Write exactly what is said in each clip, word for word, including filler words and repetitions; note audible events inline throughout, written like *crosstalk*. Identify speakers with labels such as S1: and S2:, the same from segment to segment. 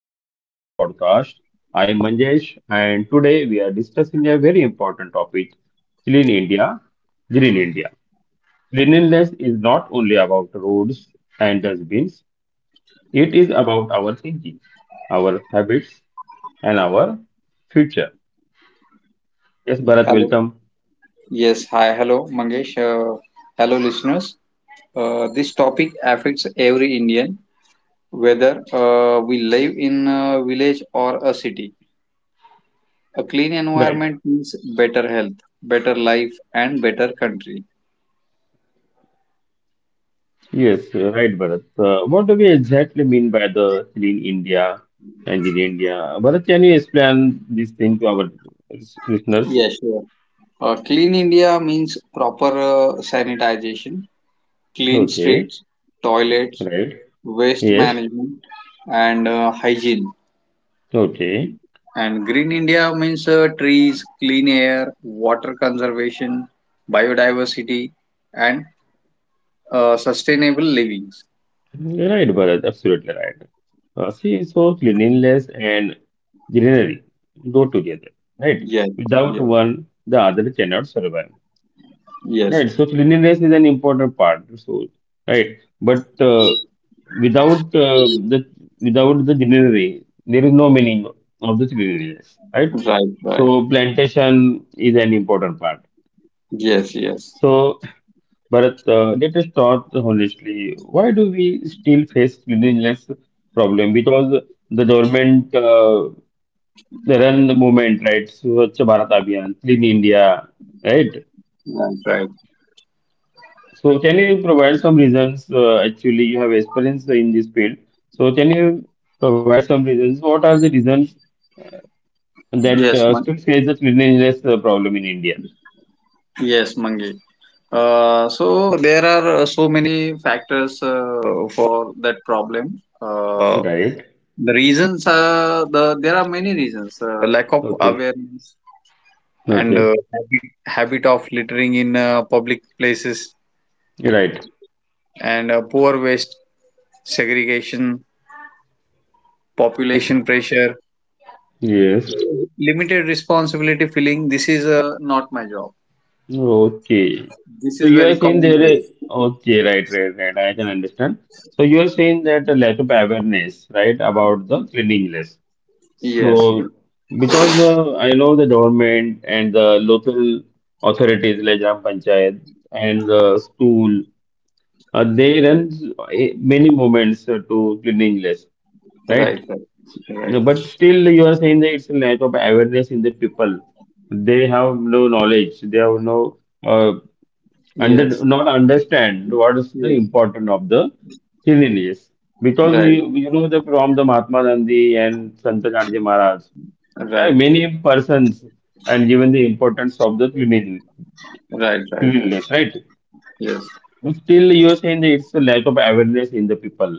S1: welcome to our podcast. I am Manjesh and today we are discussing a very important topic, Clean India, Green India. Cleanliness is not only about roads and dustbins, it is about our thinking, our habits, and our future. Yes, Bharat,
S2: Hello.
S1: welcome.
S2: Yes. Hi. Hello, Mangesh. Uh, hello, listeners. Uh, this topic affects every Indian, whether uh, we live in a village or a city. A clean
S1: Right.
S2: environment means better health, better life, and better country.
S1: Yes, right, Bharat. Uh, what do we exactly mean by the Clean India and Green India? Bharat, can you explain this thing to our listeners?
S2: Yes, sure. Uh, clean India means proper uh, sanitization, clean
S1: Okay,
S2: streets, toilets,
S1: right.
S2: waste
S1: Yes,
S2: management, and uh, hygiene.
S1: okay.
S2: And green India means uh, trees, clean air, water conservation, biodiversity, and uh, sustainable living.
S1: Right, Bharat, absolutely right. Uh, see, so cleanliness and greenery go together, right?
S2: Yes,
S1: Without
S2: yes,
S1: one, the other cannot survive,
S2: yes.
S1: right? So cleanliness is an important part, so right. But uh, without uh, the without the greenery, there is no meaning of the cleanliness, right?
S2: Right, right.
S1: So plantation is an important part.
S2: Yes, yes.
S1: So But uh, let us start honestly. Why do we still face cleanliness problem? Because the government uh, they run the movement, right? Swachh Bharat Abhiyan, Clean India, right?
S2: Right, right.
S1: So can you provide some reasons? Uh, actually, you have experience in this field. So can you provide some reasons? What are the reasons that
S2: Yes,
S1: uh,
S2: man.
S1: still face the cleanliness uh, problem in India?
S2: Yes, Mangi. Uh, so there are uh, so many factors uh, for that problem. Uh,
S1: Right.
S2: the reasons are the there are many reasons. Uh, lack of
S1: Okay.
S2: awareness and
S1: Okay.
S2: uh, habit, habit of littering in uh, public places
S1: Right.
S2: and uh, poor waste segregation, population pressure,
S1: Yes.
S2: limited responsibility feeling. This is uh, not my job.
S1: Okay.
S2: This
S1: So
S2: is
S1: you are
S2: very
S1: saying
S2: common.
S1: there is
S2: Feeling.
S1: okay, right, right, right. I can understand. So you are saying that the lack of awareness, right, about the cleanliness.
S2: Yes, yes,
S1: So because uh, I know the government and the local authorities like Gram Panchayat and the school, uh, they run eh, many movements uh, to cleanliness, right?
S2: right, right,
S1: No,
S2: right.
S1: but still, you are saying that it's a lack of awareness in the people. They have no knowledge. They have no. uh, and
S2: Yes,
S1: then not understand what is the
S2: yes,
S1: importance of the cleanliness. Because
S2: right,
S1: you, you know the from the Mahatma Gandhi and Santanarji Maharaj, there
S2: right,
S1: many persons and given the importance of the cleaning,
S2: right, right,
S1: cleanliness,
S2: right.
S1: right?
S2: Yes,
S1: Still, you are saying that it's a lack of awareness in the people,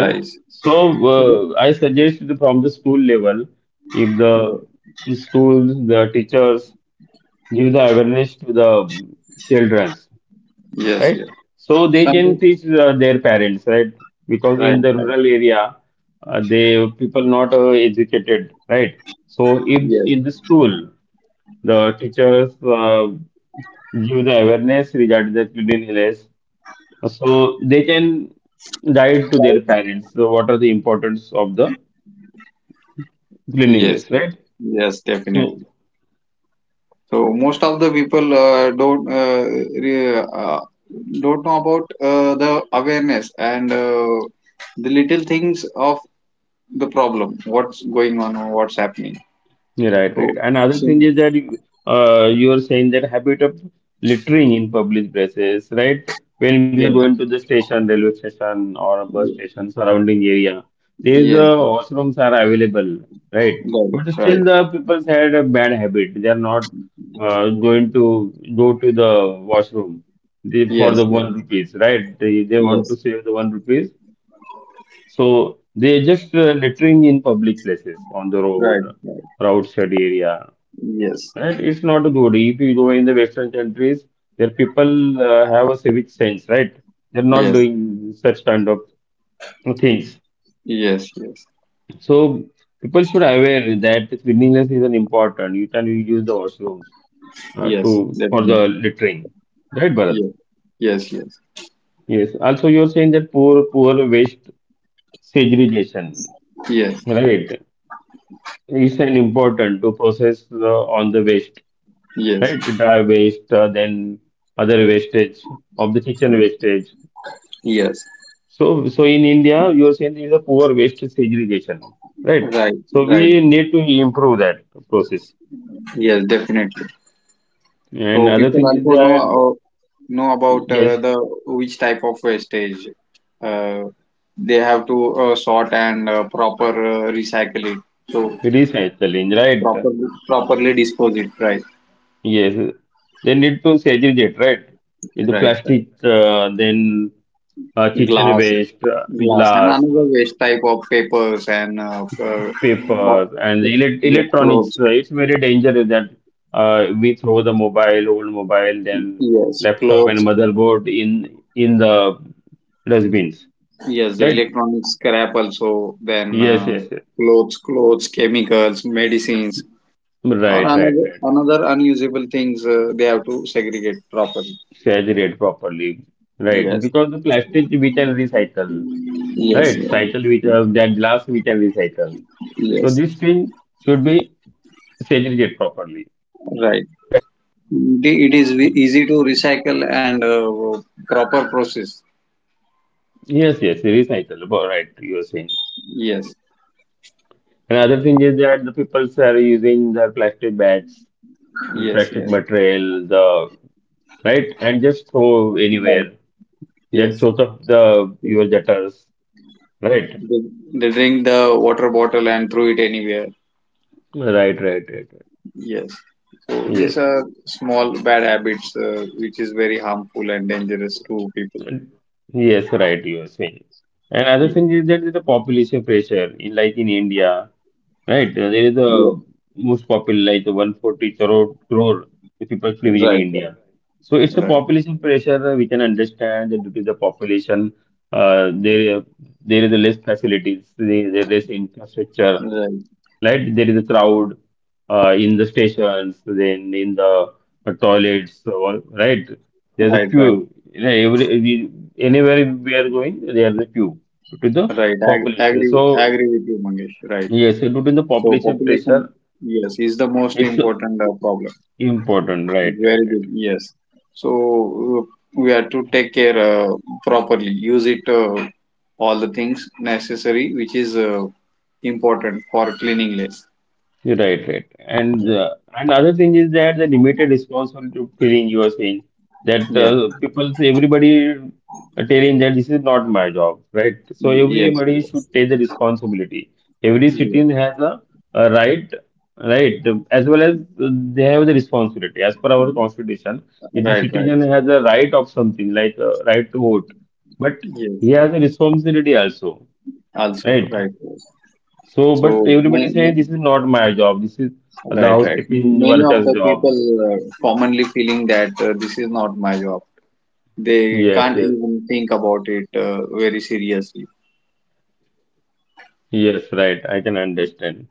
S1: right? So
S2: Yes,
S1: uh, I suggest the- from the school level, if the schools, the teachers give the awareness to the children,
S2: yes,
S1: right?
S2: yes.
S1: So they can
S2: Something.
S1: teach uh, their parents, right? Because
S2: Right,
S1: in the
S2: right.
S1: rural area, uh, they people not uh, educated, right? So if
S2: Yes,
S1: in the school the teachers uh, give the awareness regarding the cleanliness, so they can guide to their parents so what are the importance of the
S2: yes,
S1: cleanliness,
S2: yes,
S1: right?
S2: yes.
S1: So
S2: Definitely. So most of the people uh, don't uh, re- uh, don't know about uh, the awareness and uh, the little things of the problem. What's going on? Or what's happening?
S1: Yeah, right, right.
S2: So,
S1: And other
S2: so
S1: thing is that you- uh, you are saying that habit of littering in public places, right? When we are
S2: yes,
S1: going to the station, railway station, or a bus station surrounding area, there is a
S2: yes,
S1: washrooms are available, right?
S2: right,
S1: But
S2: right,
S1: still, the people had a bad habit. They are not uh, going to go to the washroom they, for the
S2: yes, yes,
S1: one rupees, right? They they want to
S2: yes,
S1: save the one rupees, so they just uh, littering in public places on the road,
S2: right, right,
S1: roadside area.
S2: yes,
S1: Right? It's not good. If you go in the Western countries, their people uh, have a civic sense, right? They're not
S2: yes,
S1: doing such kind of things.
S2: yes, yes,
S1: So people should aware that cleanliness is an important. You can use the washrooms uh,
S2: yes,
S1: to for
S2: definitely,
S1: the littering, right, Bharat?
S2: yes, yes, yes,
S1: Yes. Also, you're saying that poor poor waste segregation,
S2: yes,
S1: right? It's an important to process uh, on the waste,
S2: yes,
S1: right? Dry waste, uh, then other wastage of the kitchen wastage.
S2: yes,
S1: So, so in India, you are saying there is a poor waste segregation, right?
S2: right,
S1: So
S2: right,
S1: we need to improve that process.
S2: yes, definitely.
S1: And
S2: So
S1: other
S2: people
S1: thing is
S2: also know
S1: that
S2: uh, know about
S1: yes,
S2: uh, the which type of wastage uh, they have to uh, sort and uh, proper uh, recycle it. So
S1: recycling, right?
S2: properly properly dispose it. Right,
S1: Yes, they need to segregate, right? With the
S2: right, right.
S1: plastic, uh, then uh, kitchen
S2: Glass,
S1: waste, uh,
S2: glass, and
S1: glass.
S2: another waste type of papers and uh, uh, co-
S1: Paper and elec
S2: yeah, clothes.
S1: electronics. uh, It's very dangerous that uh, we throw the mobile, old mobile, then
S2: Yes,
S1: laptop and
S2: clothes.
S1: motherboard in in the dustbins.
S2: Yes, the
S1: Right?
S2: electronic scrap also. Then
S1: Yes,
S2: uh,
S1: yes, yes.
S2: clothes, clothes, chemicals, medicines, or
S1: Right, right,
S2: another
S1: right, right.
S2: another unusable things uh, they have to segregate properly.
S1: Saturate properly. Right,
S2: Yes,
S1: because the plastic we can recycle.
S2: yes,
S1: Right,
S2: yes,
S1: cycle with uh, that glass we can recycle. So
S2: yes.
S1: this thing should be segregated properly.
S2: Right,
S1: Right.
S2: it it is ve- easy to recycle and uh, proper process.
S1: Yes, yes, recycle. Bo- Right, you are saying.
S2: Yes,
S1: Another thing is that the people are using their plastic bags,
S2: yes,
S1: plastic
S2: yes,
S1: material, the right, and just throw
S2: right,
S1: anywhere. That
S2: yes,
S1: shows up the your gutters, right?
S2: they, they drink the water bottle and throw it anywhere.
S1: Right, right, right, right.
S2: Yes, so these
S1: Yes,
S2: are small bad habits uh, which is very harmful and dangerous to people.
S1: yes, right. You are saying. Another
S2: Yeah.
S1: thing is that the population pressure, in, like in India, right. Uh, there is
S2: Yeah.
S1: a most popular like the one forty crore, crore the people living in
S2: Right, right,
S1: India. So it's a
S2: right,
S1: population pressure uh, we can understand that due to the population, uh, there there is a less facilities, there there is less infrastructure.
S2: right,
S1: Right, there is a crowd uh, in the stations, then in the uh, toilets. So, all- Right, there's a
S2: right, right.
S1: queue. Yeah, Every we- anywhere we are going, there's a queue due to the
S2: Right. Ag-
S1: population.
S2: agree.
S1: So
S2: Agree with you, Mangesh. Right.
S1: yes, due to the
S2: So
S1: population
S2: population,
S1: pressure
S2: yes, is the most
S1: it's
S2: important uh, problem.
S1: important, right, right,
S2: Very
S1: right.
S2: good. Yes. So uh, we have to take care uh, properly. Use it uh, all the things necessary, which is uh, important for cleanliness.
S1: You're right, right. And uh, and other thing is that the limited responsibility feeling you are saying that
S2: Yes.
S1: uh, people say everybody are telling that this is not my job, right? So
S2: Yes.
S1: everybody
S2: Yes.
S1: should take the responsibility. Every
S2: Yes.
S1: citizen has a, a right, right, as well as uh, they have the responsibility. As per our constitution, if the
S2: Right. Right.
S1: citizen has a right of something like a right to vote, but
S2: Yes.
S1: he has a responsibility also,
S2: Also.
S1: right?
S2: Right. Right.
S1: So, but
S2: So,
S1: everybody
S2: ma-
S1: says this
S2: ma-
S1: is not my job. This is the
S2: right, right.
S1: housekeeping
S2: Many of
S1: worker's
S2: the
S1: job.
S2: people uh, commonly feeling that uh, this is not my job. They
S1: Yes,
S2: can't
S1: yes,
S2: even think about it uh, very seriously.
S1: yes, right. I can understand.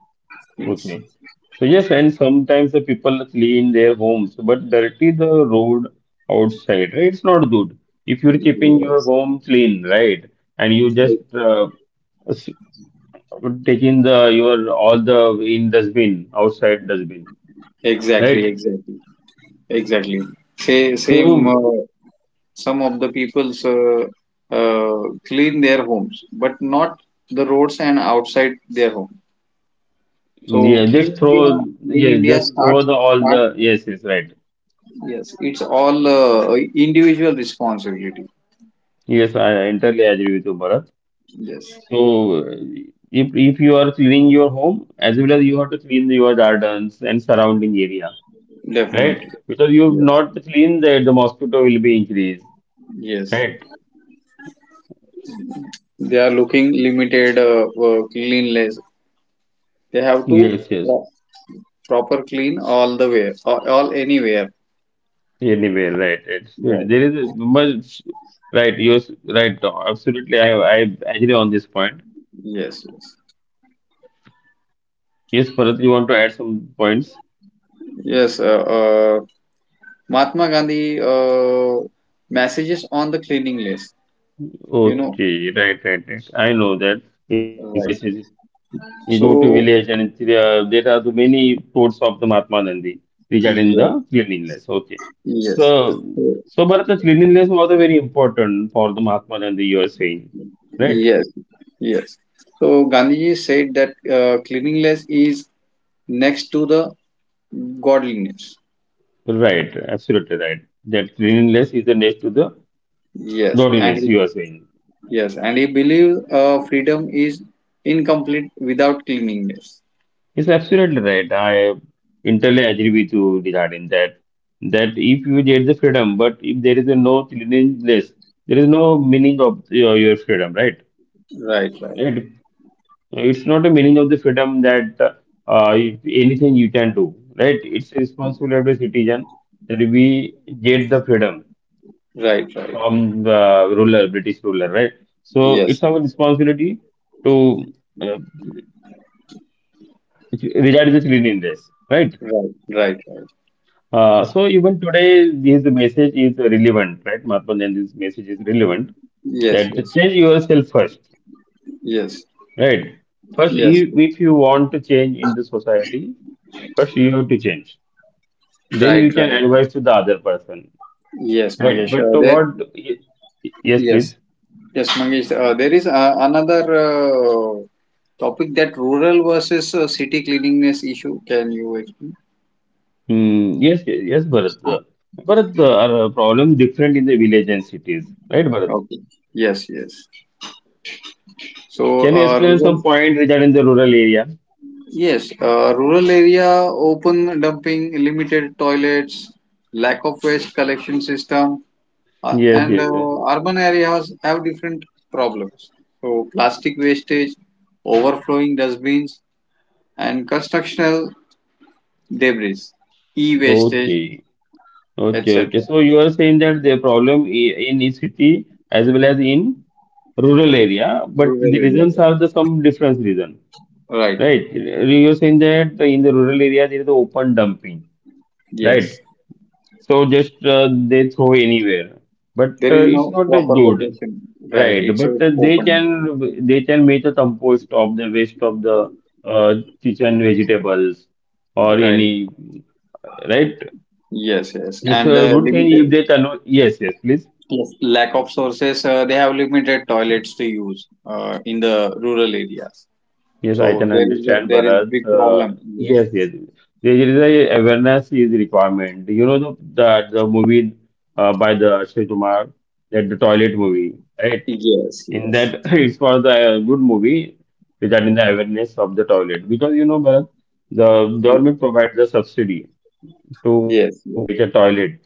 S2: Yes.
S1: Okay. So yes, and sometimes the people clean their homes, but dirty the road outside. Right? It's not good. If you're keeping your
S2: Yes.
S1: home clean, right, and you just
S2: E-
S1: uh, s- taking the your all the in dustbin outside dustbin,
S2: Exactly.
S1: right?
S2: Exactly. Exactly. Say, same.
S1: So
S2: Uh, some of the people's uh, uh, clean their homes, but not the roads and outside their home. So
S1: yeah,
S2: clean
S1: just
S2: India,
S1: throw,
S2: clean
S1: yes,
S2: India
S1: just throw
S2: starts
S1: the all
S2: starts.
S1: the, yes, yes, right.
S2: Yes, it's all uh, individual responsibility.
S1: Yes, I entirely agree with you, Bharat.
S2: Yes,
S1: So, uh, if, if you are cleaning your home, as well as you have to clean your gardens and surrounding area, right?
S2: definitely.
S1: Because you
S2: Yes,
S1: not clean that, the mosquito will be increased,
S2: yes.
S1: right?
S2: They are looking limited, uh, uh, cleanless. They have to
S1: Yes, yes.
S2: pro- proper clean all the way, all, all anywhere.
S1: Anyway, right. It's,
S2: Wow.
S1: there is a much, right, yes, right. Absolutely, I, I agree on this point.
S2: Yes, yes,
S1: Yes, Bharat, you want to add some points?
S2: yes. Uh, uh, Mahatma Gandhi uh, messages on the cleaning list. You know,
S1: Okay, right, right, right. I know that. It's a good
S2: right?
S1: message. You go to
S2: So
S1: village and it's, uh, there are the many quotes of the Mahatma Gandhi regarding
S2: yes,
S1: the cleanliness. Okay.
S2: yes,
S1: So, so Bharat, the cleanliness was a very important for the Mahatma Gandhi, you are saying. Right?
S2: yes, yes. So Gandhiji said that uh, cleanliness is next to the godliness.
S1: Right. Absolutely right. That cleanliness is the next to the
S2: Yes, and
S1: godliness,
S2: he
S1: you are saying.
S2: yes, and he believes uh, freedom is incomplete without cleanliness.
S1: It's absolutely right. I entirely agree with you regarding that. That if you get the freedom, but if there is a no cleanliness, there is no meaning of your, your freedom, right?
S2: Right, right,
S1: It, it's not a meaning of the freedom that uh, if anything you can do, right? It's a responsibility of the citizen that we get the freedom
S2: right, right.
S1: from the ruler, British ruler, right? So
S2: Yes,
S1: it's our responsibility to uh, regard the cleanliness, right?
S2: right, right, right.
S1: Uh, so even today, this message is relevant, right? Mahatma Gandhi's message is relevant
S2: Yes,
S1: that
S2: yes,
S1: change yourself first,
S2: yes,
S1: right? First,
S2: yes,
S1: if,
S2: yes,
S1: if you want to change in the society, first you have to change. Then
S2: right,
S1: you can
S2: right.
S1: advise to the other person,
S2: Yes,
S1: right?
S2: Mangesh.
S1: But
S2: Uh,
S1: to
S2: there,
S1: what? Y- Yes,
S2: yes,
S1: please.
S2: yes, Mangesh. Uh, there is uh, another uh, topic, that rural versus uh, city cleanliness issue. Can you explain?
S1: Hmm, yes, yes, Bharat. Uh, Bharat, uh, our problem different in the village and cities, right, Bharat?
S2: Okay. Yes, yes. So,
S1: Can you
S2: uh,
S1: explain
S2: rural.
S1: some point regarding the rural area?
S2: Yes, uh, rural area, open dumping, limited toilets, lack of waste collection system, uh,
S1: Yes,
S2: and
S1: yes,
S2: uh,
S1: yes.
S2: urban areas have different problems. So, plastic wastage, overflowing dustbins, and constructional debris, e-wastage,
S1: Okay. Okay, okay.
S2: et cetera.
S1: So you are saying that the problem i- in each city as well as in rural area, but
S2: Rural
S1: the reasons
S2: areas,
S1: are the some different reason,
S2: right?
S1: right? You are saying that in the rural area there is the open dumping, right?
S2: Yes,
S1: So just uh, they throw anywhere, but
S2: there
S1: uh,
S2: is
S1: it's
S2: no
S1: not that
S2: proper
S1: good,
S2: location. Right,
S1: right?
S2: it's a
S1: But uh, they
S2: open.
S1: can they can make a compost of the waste of the uh, kitchen vegetables or
S2: Right.
S1: any, right?
S2: Yes, yes,
S1: It's
S2: and
S1: a
S2: uh,
S1: good thing if
S2: limited
S1: they convert. Yes, yes, please.
S2: yes. Lack of sources, uh, they have limited toilets to use uh, in the rural areas.
S1: Yes, I
S2: So
S1: can
S2: there is a,
S1: understand,
S2: there is
S1: Bharat.
S2: big
S1: Uh,
S2: problem. Yes.
S1: yes, yes. There is a awareness is requirement. You know the the, the movie uh, by the Akshay Kumar, that the toilet movie, right?
S2: Yes.
S1: In
S2: Yes.
S1: that, *coughs* *laughs* it's for the uh, good movie regarding the awareness of the toilet because you know, Bharat, the government provides the subsidy to
S2: Yes. Yes.
S1: make a toilet,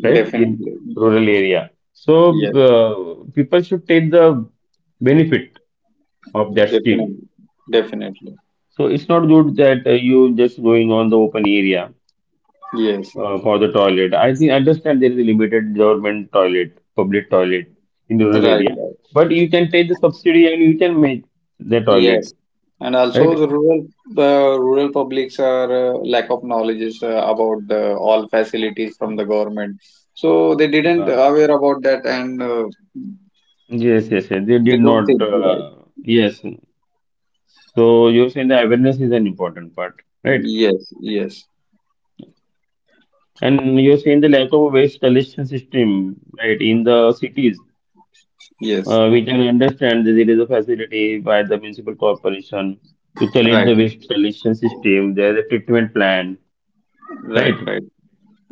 S1: right, in
S2: Definitely.
S1: rural area. So
S2: Yes.
S1: uh, people should take the benefit of that scheme.
S2: Definitely. Definitely.
S1: So it's not good that uh, you just going on the open area
S2: Yes.
S1: uh, for the toilet. I think I understand there is a limited government toilet, public toilet in rural
S2: Right.
S1: area,
S2: Right.
S1: but you can take the subsidy and you can make the toilet,
S2: Yes. And also
S1: right?
S2: the rural uh, rural publics are uh, lack of knowledge is, uh, about the all facilities from the government. So they didn't
S1: Uh,
S2: aware about that and uh,
S1: yes, yes, yes. They
S2: they
S1: did
S2: don't
S1: not.
S2: think, right?
S1: Uh, yes. So you're saying the awareness is an important part, right?
S2: Yes, yes,
S1: And you're saying the lack of waste collection system, right, in the cities.
S2: yes.
S1: Uh, we can understand that it is a facility by the municipal corporation to collect
S2: Right,
S1: the waste collection system. There is a treatment plan,
S2: right,
S1: right?
S2: right.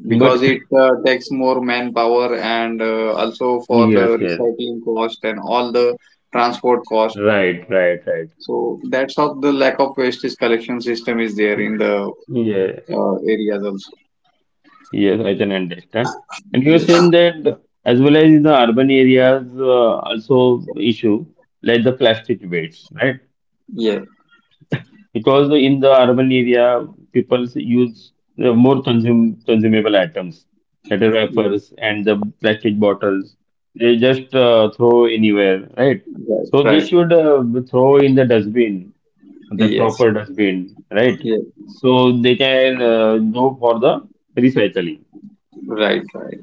S2: Because
S1: But
S2: it uh, takes more manpower and uh, also
S1: *laughs*
S2: for
S1: yes,
S2: the
S1: yes,
S2: recycling cost and all the transport cost.
S1: right, right, right.
S2: So that's how the lack of wastage collection system is there in
S1: Mm.
S2: the
S1: Yeah,
S2: uh, areas also.
S1: yes, I can understand. And you are
S2: Yes,
S1: saying that as well as in the urban areas, uh, also issue like the plastic waste, right?
S2: yeah,
S1: Because the- in the urban area people use uh, more consum consumable items that are
S2: yeah,
S1: wrappers and the plastic bottles. They just uh, throw anywhere, right?
S2: right,
S1: So they
S2: right.
S1: should uh, throw in the dustbin, the
S2: Yes,
S1: proper dustbin, right?
S2: yes,
S1: So they can uh, go for the recycling
S2: right, right.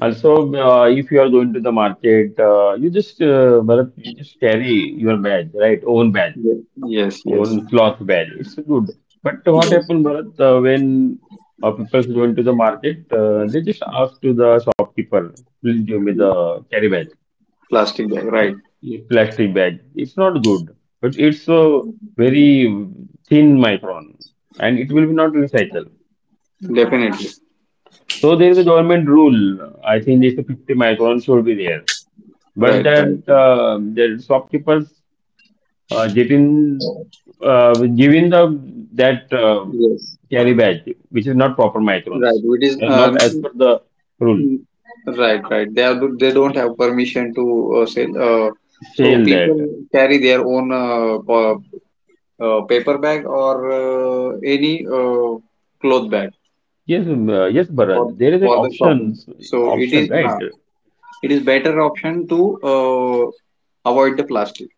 S1: also. Uh, if you are going to the market, uh, you just uh, Bharat, you just carry your bag, right, own bag,
S2: Yes, yes, yes,
S1: own cloth value. It's good. But what
S2: yes.
S1: happened, Bharat, uh, when uh, people go into the market, uh, they just ask to the shopkeeper, please give me the carry bag,
S2: Plastic bag,
S1: uh,
S2: right.
S1: plastic bag. It's not good, but it's a very thin micron and it will be not recycled.
S2: Definitely.
S1: So there is a government rule. I think this fifty micron should be there. But
S2: Right, right.
S1: that uh, the shopkeepers uh, getting uh, giving the that uh,
S2: Yes,
S1: carry badge, which is not proper
S2: right.
S1: microns,
S2: It is.
S1: uh, not
S2: Uh,
S1: as per the rule.
S2: Mm, right, right. They are, they don't have permission to uh, sell. Uh, so
S1: Fail
S2: people
S1: that.
S2: carry their own uh, pa- uh, paper bag or uh, any uh, cloth bag
S1: Yes, um, uh, yes,
S2: for
S1: Bharat. There is an
S2: for the shopping.
S1: options
S2: So it
S1: option,
S2: is
S1: right?
S2: uh, it is better option to uh, avoid the plastic.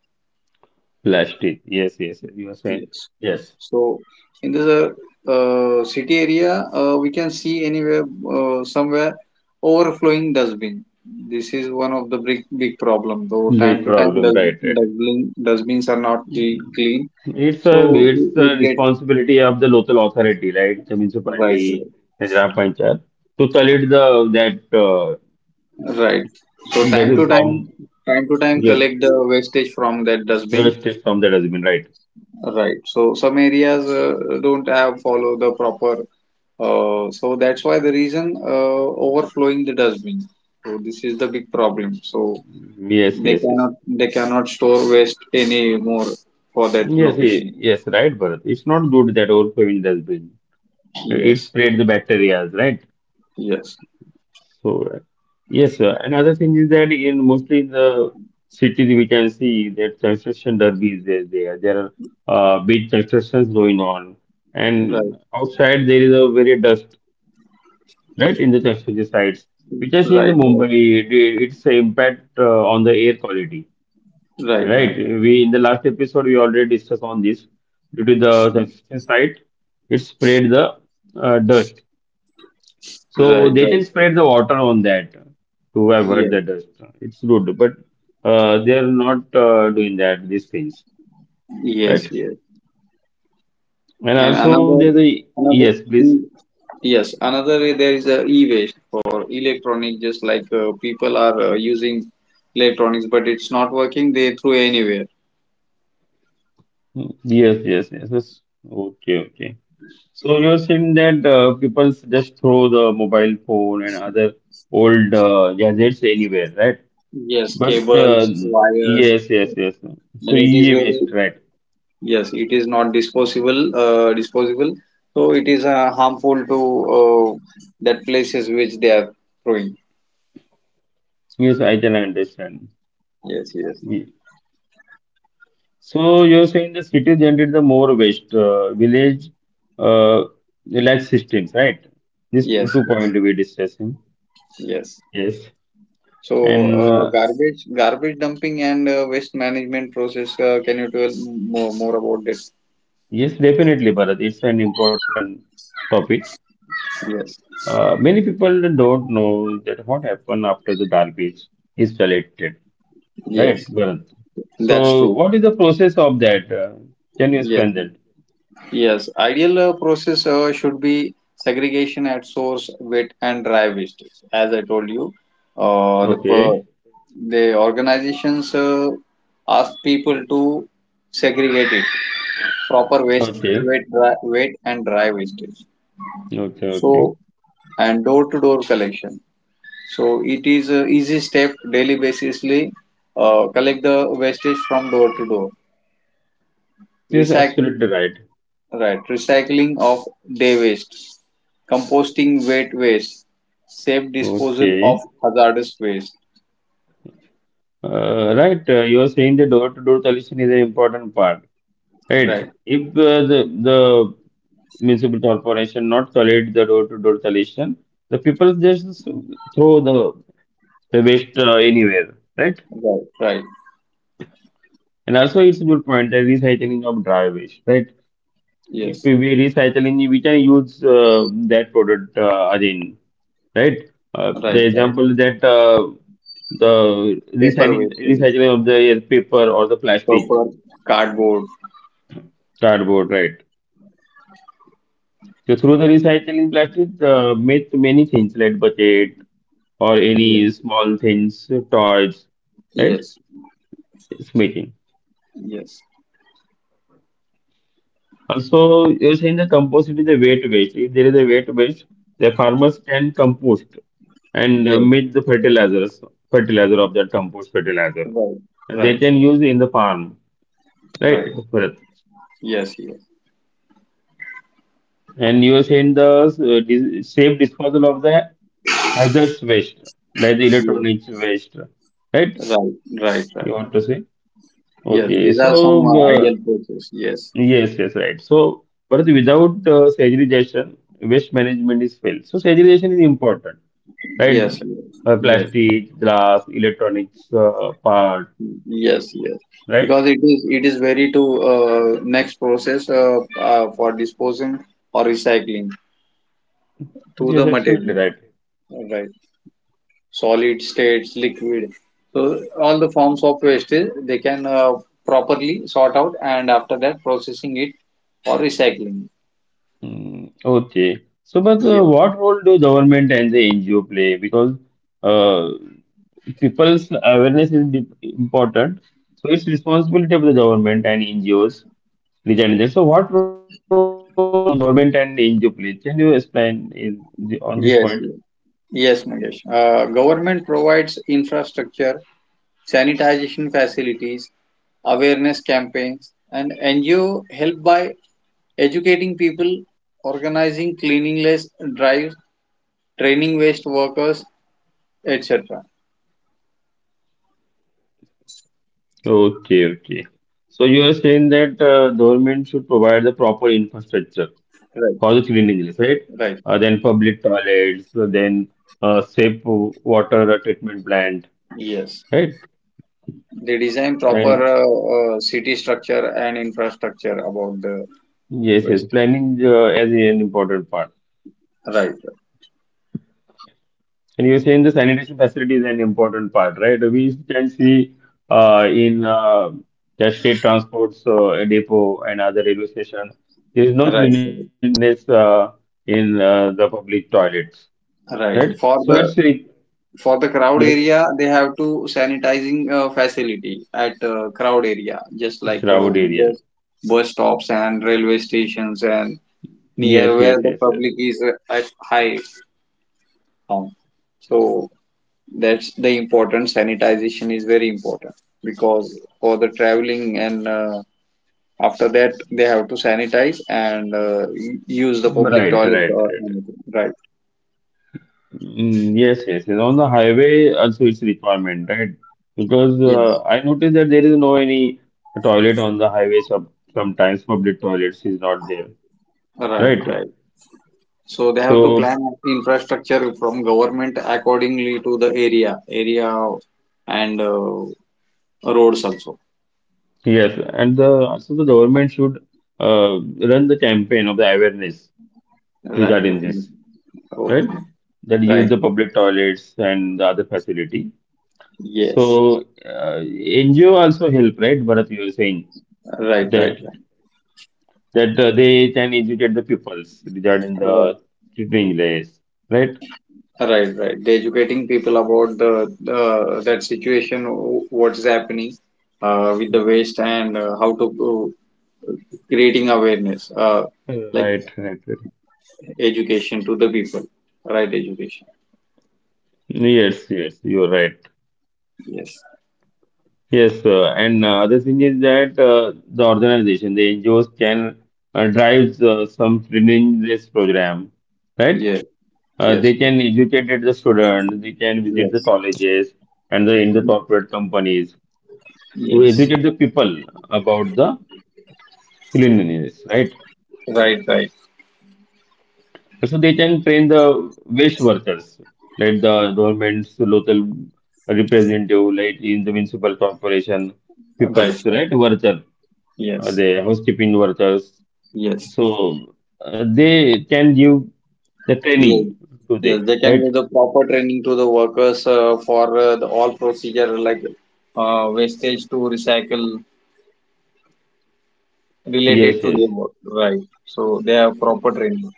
S1: Plastic. Yes, yes. You are saying
S2: Yes.
S1: yes.
S2: So in this uh, uh, city area, uh, we can see anywhere, uh, somewhere overflowing dustbin. This is one of the big big problem. Though time
S1: Big
S2: to time,
S1: problem,
S2: dust,
S1: right? Right.
S2: dustbin dustbins are not cle-
S1: Mm.
S2: clean,
S1: It's a
S2: so
S1: it's
S2: it,
S1: the
S2: it gets
S1: responsibility of the local authority, right? The
S2: right,
S1: municipality, the Gram Panchayat, to collect the that uh,
S2: right. So
S1: does
S2: time
S1: it
S2: to time,
S1: from,
S2: time to time,
S1: yes,
S2: collect the wastage from that dustbin.
S1: twelve states from that has been, right.
S2: Right. So some areas uh, don't have follow the proper. Uh, so that's why the reason uh, overflowing the dustbin. So this is the big problem. So
S1: Yes,
S2: they
S1: yes, yes.
S2: cannot they cannot store waste anymore for that
S1: Yes, ye-
S2: location.
S1: yes, right, Bharat. It's not good that overcrowding has been. It
S2: Yes.
S1: spread the bacteria, right?
S2: Yes.
S1: So, uh, yes, sir. Another thing is that in mostly in the cities we can see that construction derby is there. There, there are uh, big constructions going on,
S2: Right.
S1: and outside there is a very dust, right, in the construction sites, which I see in
S2: Right.
S1: the
S2: Right.
S1: Mumbai. It, it's a impact uh, on the air quality.
S2: Right.
S1: Right.
S2: Right.
S1: We in the last episode we already discussed on this. Due to the construction site, it spread the uh, dust.
S2: Right.
S1: So
S2: Right.
S1: they can
S2: Right.
S1: spread the water on that to avoid
S2: Yes.
S1: the dust. It's good, but uh, they are not uh, doing that these things,
S2: Yes.
S1: right?
S2: Yes.
S1: And
S2: And
S1: also
S2: another
S1: there's a
S2: another
S1: yes, please.
S2: thing, yes, another way, there is a e-waste for electronic, just like uh, people are uh, using electronics, but it's not working. They throw anywhere.
S1: Yes, yes, yes, yes. Okay, okay. So you're saying that uh, people just throw the mobile phone and other old uh, gadgets anywhere, right?
S2: Yes,
S1: But uh,
S2: cables, wires,
S1: yes, yes, yes. So
S2: and it is
S1: e-waste,
S2: very
S1: right?
S2: yes, it is not disposable. Uh, disposable, so it is uh, harmful to uh, that places which they are throwing.
S1: Yes, I can understand.
S2: Yes, yes,
S1: We- So you're saying the city generate the more waste, uh, village uh, lack systems, right? This
S2: yes,
S1: two point
S2: yes,
S1: we're discussing.
S2: yes.
S1: Yes,
S2: So,
S1: and
S2: uh,
S1: uh,
S2: garbage garbage dumping and uh, waste management process. Uh, can you tell more, more about it?
S1: yes, definitely, Bharat. It's an important topic.
S2: Yes,
S1: Uh, many people don't know that what happened after the garbage is collected,
S2: yes,
S1: right, Bharat?
S2: that's
S1: So
S2: true.
S1: what is the process of that? Uh, can you
S2: Yes,
S1: explain that?
S2: yes. Ideal uh, process uh, should be segregation at source, wet and dry waste. As I told you, uh, the per-
S1: Okay,
S2: the organizations uh, ask people to segregate it proper waste,
S1: okay,
S2: wet, dry, wet and dry wastage.
S1: okay, okay.
S2: So, and door to door collection. So it is a easy step daily basisly uh, collect the wastage from door to door.
S1: Yes,
S2: Recycle,
S1: absolutely right.
S2: right, recycling of day waste, composting wet waste, safe disposal of
S1: Okay,
S2: hazardous waste.
S1: uh, right. Uh, you are saying the door-to-door collection is an important part, right?
S2: Right,
S1: If uh, the the municipal corporation not collect the door-to-door collection, the people just throw the the waste uh, anywhere, right?
S2: right, right.
S1: And also, it's a good point, the recycling of dry waste, right? If
S2: Yes,
S1: we recycling, we can use uh, that product uh, again, right? Uh,
S2: right,
S1: the
S2: right.
S1: example that uh, the
S2: Paper
S1: recycling
S2: waste, yes.
S1: recycling of the air paper or the plastic,
S2: Paper, cardboard.
S1: cardboard, right? So through the recycling plastic, uh, make many things like budget or
S2: Yes,
S1: any small things, toys, right?
S2: yes,
S1: It's making.
S2: yes,
S1: Also, you're saying the compost is a weight waste. If there is a weight waste, the farmers can compost and uh,
S2: yes.
S1: make the fertilizers, fertilizer of that compost fertilizer,
S2: Right,
S1: and
S2: right,
S1: they
S2: right,
S1: can use in the farm, right?
S2: right. Yes, yes,
S1: And you are saying the uh, dis safe disposal of the hazardous waste, like the electronics
S2: yes.
S1: waste, right?
S2: Right, right,
S1: You
S2: right.
S1: want to say?
S2: Yes,
S1: Okay,
S2: these are some
S1: so
S2: uh,
S1: uh,
S2: ideal places. Yes,
S1: yes, yes, right. So, but without uh, segregation, waste management is failed. So, segregation is important, right?
S2: yes, yes,
S1: Uh,
S2: yes,
S1: plastic, glass, electronics uh, part,
S2: yes, yes.
S1: right?
S2: Because it is it is very to uh, next process uh, uh, for disposing or recycling to the
S1: Yes, absolutely
S2: material,
S1: right.
S2: right? Solid states, liquid. So all the forms of wastage they can uh, properly sort out and after that processing it or recycling.
S1: Mm. Okay. So, but uh,
S2: Yes,
S1: what role do government and the N G O play? Because uh, people's awareness is dip- important. So, it's responsibility of the government and N G Os regarding that. So, what role do government and N G O play? Can you explain in the, on this point?
S2: yes, yes. Yes, Mangesh. Uh, government provides infrastructure sanitization facilities, awareness campaigns, and N G O help by educating people, organizing cleanliness drives, training waste workers, et cetera.
S1: Okay, okay. So, you are saying that uh, government should provide the proper infrastructure
S2: Right.
S1: for the cleanliness, right?
S2: Right.
S1: Uh, then public toilets, so then uh, safe water treatment plant,
S2: Yes.
S1: right?
S2: They design proper
S1: And
S2: uh, uh, city structure and infrastructure about the
S1: yes, yes,
S2: waste.
S1: planning uh, as an important part.
S2: Right.
S1: And you're saying the sanitation facility is an important part, right? We can see uh, in uh, the state transports uh, depot and other railway station, there is no
S2: Right.
S1: cleanliness uh, in uh, the public toilets,
S2: Right.
S1: right?
S2: For
S1: So
S2: the
S1: it's a
S2: for the crowd
S1: yes,
S2: area they have to sanitizing uh, facility at uh, crowd area, just like uh,
S1: crowd
S2: bus,
S1: area.
S2: bus stops and railway stations and near
S1: Yes,
S2: where
S1: yes,
S2: the
S1: yes, yes.
S2: public is uh, at high um, so that's the important sanitization is very important because for the traveling and uh, after that they have to sanitize and uh, u- use the public
S1: Right,
S2: toilet
S1: right,
S2: or
S1: right.
S2: anything, right,
S1: Mm, yes, yes, yes. On the highway, also it's requirement, right? Because
S2: yes,
S1: uh, I noticed that there is no any toilet on the highway. Some sometimes public toilets is not there,
S2: right,
S1: right?
S2: right. So they have to
S1: So
S2: plan infrastructure from government accordingly to the area, area and uh, roads also.
S1: yes, and the also the government should uh, run the campaign of the awareness
S2: Right,
S1: regarding
S2: definitely.
S1: this, right?
S2: Okay.
S1: That use
S2: Right.
S1: the public toilets and the other facility. So
S2: Yes.
S1: uh, N G O also help, right? Bharat, you were saying
S2: Right,
S1: that
S2: right,
S1: that uh, they can educate the pupils regarding
S2: right,
S1: the English, right?
S2: right, right, right. They educating people about the the that situation, wh- what is happening uh, with the waste and uh, how to uh, creating awareness, uh, like
S1: Right, right, right.
S2: education to the people. Right, education.
S1: Yes, yes, you're right.
S2: Yes.
S1: Yes, uh, and uh, other thing is that uh, the organization, the N G Os can uh, drive uh, some training-based program, right?
S2: Yes.
S1: Uh, they
S2: Yes.
S1: can educate the student, they can visit the
S2: Yes.
S1: colleges and the in the corporate companies to
S2: Yes.
S1: educate the people about the cleanliness, right?
S2: Right, right,
S1: So they can train the waste workers, like the governments, local representative, like in the municipal corporation,
S2: right,
S1: people's
S2: right.
S1: right worker, uh,
S2: Yes,
S1: the housekeeping workers.
S2: yes,
S1: So uh, they can give the training
S2: yes,
S1: to
S2: yes.
S1: them,
S2: They can
S1: right?
S2: give the proper training to the workers uh, for uh, the all procedure, like uh, wastage to recycle
S1: Yes,
S2: related to
S1: yes,
S2: their work. Right. So they have proper training.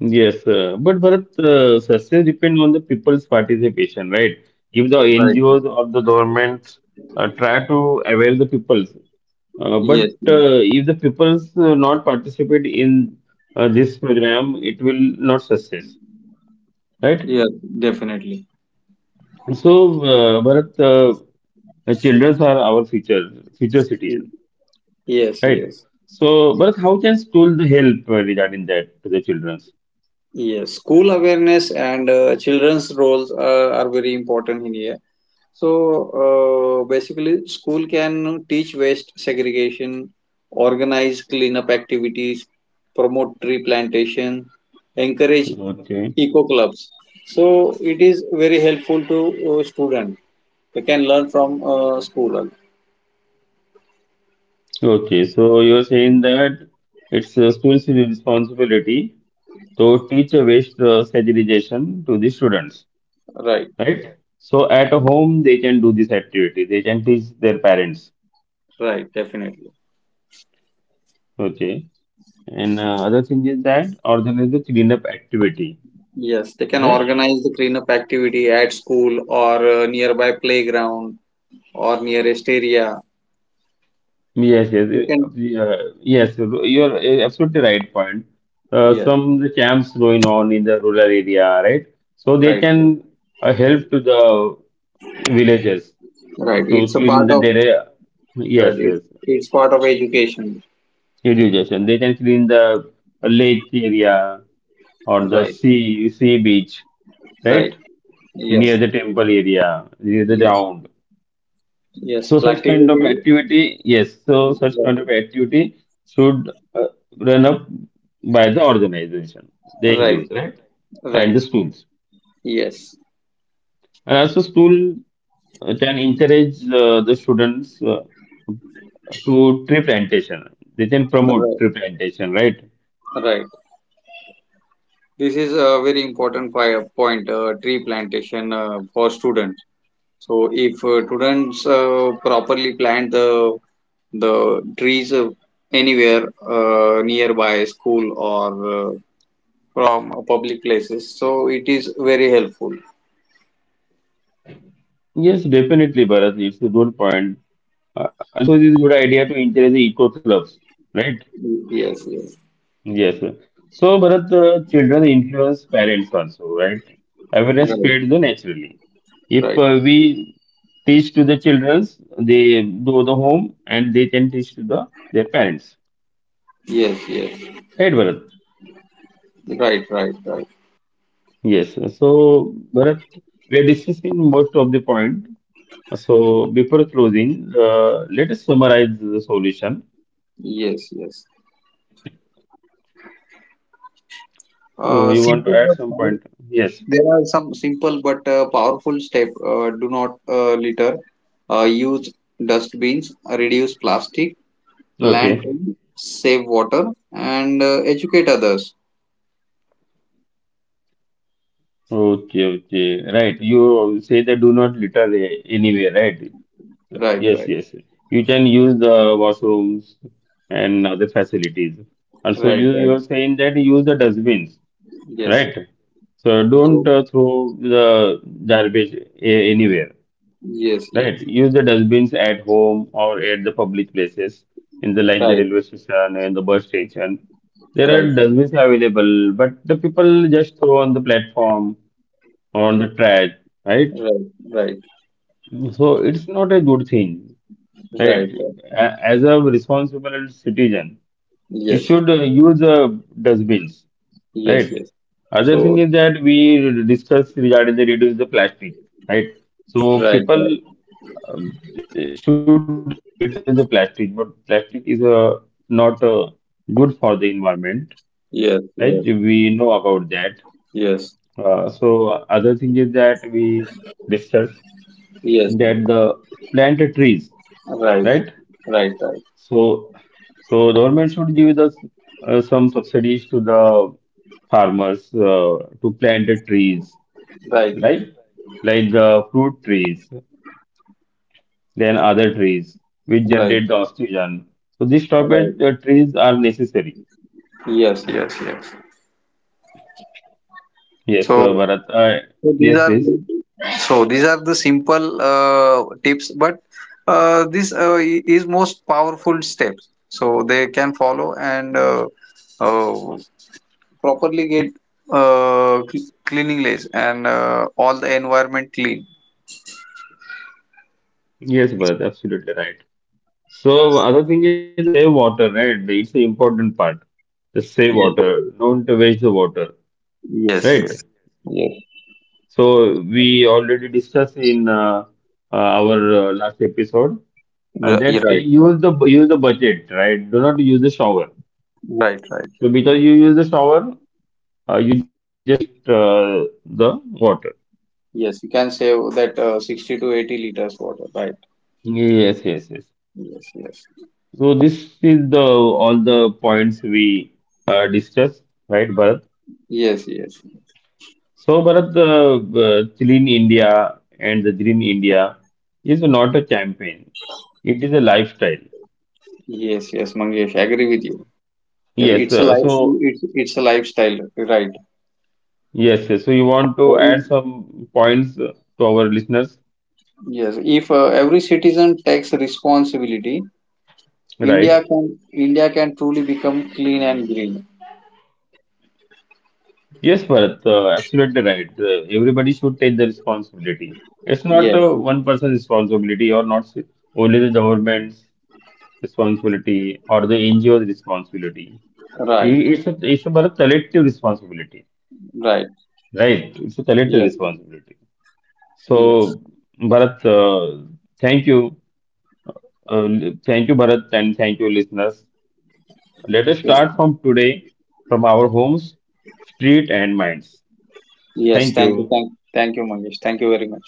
S1: yes. Uh, but Bharat, uh, success depends on the people's participation, right? If the
S2: Right.
S1: N G Os or the government uh, try to avail the people, Uh, but
S2: Yes,
S1: uh,
S2: yes,
S1: if the pupils uh, not participate in uh, this program, it will not success, right?
S2: yes, definitely.
S1: So, uh, Bharat, uh, the children are our future future
S2: Y-
S1: citizen,
S2: Yes,
S1: right?
S2: yes,
S1: So, Bharat, how can school help uh, regarding that to the children?
S2: yes. School awareness and uh, children's roles uh, are very important in here. So uh, basically, school can teach waste segregation, organize cleanup activities, promote tree plantation, encourage
S1: Okay,
S2: eco clubs. So it is very helpful to uh, student. They can learn from uh, school. Uh,
S1: okay. So you are saying that it's uh, school's responsibility to teach a waste uh, segregation to the students,
S2: right,
S1: right? So at home they can do this activity. They can teach their parents.
S2: right, definitely.
S1: Okay. And uh, other thing is that organize the cleanup activity,
S2: Yes, they can
S1: right?
S2: organize the cleanup activity at school or uh, nearby playground or nearest area.
S1: Yes, yes,
S2: They
S1: eh,
S2: can.
S1: uh, yes. You're eh, absolutely right point. Uh,
S2: Yes,
S1: some the camps going on in the rural area, right? So they
S2: right, right.
S1: can uh, help to the villages
S2: Right,
S1: to
S2: it's a
S1: clean
S2: part
S1: the
S2: of
S1: their, eh.
S2: right.
S1: Yes,
S2: It,
S1: yes.
S2: it's part of education.
S1: Irrigation. They can clean the lake area or the
S2: Right.
S1: sea sea beach,
S2: Right.
S1: right? Near
S2: Yes.
S1: the temple area, near the
S2: Yes.
S1: ground.
S2: Yes.
S1: So such kind of
S2: Practically.
S1: activity, yes, so such
S2: Yeah.
S1: kind of activity should uh, run up by the organization, the
S2: Right.
S1: N G Os, right? And
S2: Right.
S1: the schools.
S2: Yes.
S1: And also school uh, can encourage uh, the students uh, to tree plantation. They can promote
S2: Right.
S1: tree plantation, right?
S2: Right. This is a very important fi- point. Uh, tree plantation uh, for students. So if uh, students uh, properly plant the the trees uh, anywhere uh, nearby school or uh, from public places, so it is very helpful.
S1: Yes, definitely, Bharat. It's a good point. Uh, also, it is a good idea to encourage the eco clubs, right?
S2: Yes. Yes.
S1: Yes, sir. So, Bharat, uh, children influence parents also, right? Awareness
S2: Right.
S1: fades naturally. If
S2: Right.
S1: uh, we teach to the children, they do the home and they can teach to the their parents.
S2: Yes, yes.
S1: Right, Bharat?
S2: Right, right, right.
S1: Yes. So, Bharat, we are discussing most of the point. So, before closing, uh, let us summarize the solution.
S2: Yes, yes.
S1: So,
S2: Uh,
S1: you want to
S2: simple
S1: add
S2: but
S1: some
S2: power-
S1: point? Yes.
S2: there are some simple but uh, powerful step. Uh, do not uh, litter. Uh, use dustbins. uh, Reduce plastic. Plant
S1: Okay.
S2: trees. Save water and uh, educate others.
S1: Okay, okay, right. You say that do not litter, eh, anywhere, right?
S2: Right,
S1: Yes,
S2: right,
S1: yes. You can use the washrooms and other facilities. Also,
S2: right,
S1: you you
S2: right.
S1: are saying that use the dustbins,
S2: Yes.
S1: right? So don't
S2: So
S1: uh, throw the garbage a- anywhere,
S2: yes,
S1: right?
S2: yes.
S1: Use the dustbins at home or at the public places, in the like the
S2: Right,
S1: railway station and the bus station. There
S2: right,
S1: are
S2: right,
S1: dustbins available, but the people just throw on the platform or on the trash, right?
S2: right, right,
S1: So it's not a good thing. Right.
S2: right, right.
S1: A- As a responsible citizen, you
S2: Yes,
S1: should uh, use uh, dustbins,
S2: yes,
S1: right?
S2: yes.
S1: Other thing
S2: So
S1: is that we discussed regarding the reduce the plastic, right? So
S2: right,
S1: people
S2: right.
S1: um, should reduce the plastic, but plastic is uh, not uh, good for the environment,
S2: Yes,
S1: right?
S2: yes,
S1: We know about that.
S2: yes.
S1: Uh, so other thing is that we discussed
S2: Yes, yes,
S1: that the plant trees,
S2: right,
S1: right?
S2: right, right,
S1: So, so government should give us uh, some subsidies to the farmers uh, to plant the trees,
S2: right,
S1: like like the fruit trees, then other trees which
S2: right,
S1: generate the
S2: right,
S1: oxygen. So these type
S2: right.
S1: of uh, trees are necessary.
S2: Yes, yes, yes.
S1: Yes,
S2: So,
S1: uh, Bharat. Uh,
S2: so these
S1: yes,
S2: are
S1: please.
S2: so these are the simple uh, tips, but uh, this uh, i- is most powerful steps. So they can follow and uh, uh, properly get uh, cl- cleanliness and uh, all the environment clean.
S1: Yes, Bharat. Absolutely right. So other thing is that the save water, right? It's the important part. The save water.
S2: Yes,
S1: Don't waste the water,
S2: yes,
S1: right?
S2: yes. Yes,
S1: So we already discussed in uh, uh, our uh, last episode uh,
S2: Ri-
S1: that
S2: right, right,
S1: use the use the budget, right? Do not use the shower.
S2: right, right.
S1: So because you use the shower, uh, you just waste uh, the water.
S2: Yes, you can save that uh, sixty to eighty liters water, right?
S1: Yes, yes, yes.
S2: Yes, yes.
S1: So this is the all the points we uh, discussed, right, Bharat?
S2: Yes, yes.
S1: So Bharat, uh, uh, Clean India and the Green India is not a campaign. It is a lifestyle.
S2: Yes, yes, Mangesh, I agree with you. Yes,
S1: Yes,
S2: it's a
S1: uh,
S2: life,
S1: so
S2: it's, it's a lifestyle, right?
S1: Yes, yes. So you want
S2: So
S1: to add
S2: if-
S1: some points uh, to our listeners,
S2: Yes, if uh, every citizen takes responsibility, India
S1: right?
S2: can India can truly become clean and green.
S1: Yes, Bharat, uh, absolutely right. Uh, everybody should take the responsibility. It's not uh,
S2: Yes,
S1: one person's responsibility or not s- only the government's responsibility or the NGO's responsibility. I-
S2: right,
S1: It's a, it's a Bharat, collective responsibility,
S2: right.
S1: right? It's a collective
S2: Yes,
S1: responsibility.
S2: yes,
S1: So, Bharat, uh, thank you. Uh, thank you, Bharat, and thank you, listeners. Let us
S2: yes,
S1: start from today, from our homes, street, and minds.
S2: yes.
S1: Thank
S2: Thank you,
S1: you.
S2: thank, thank you, Mangesh. Thank you very much.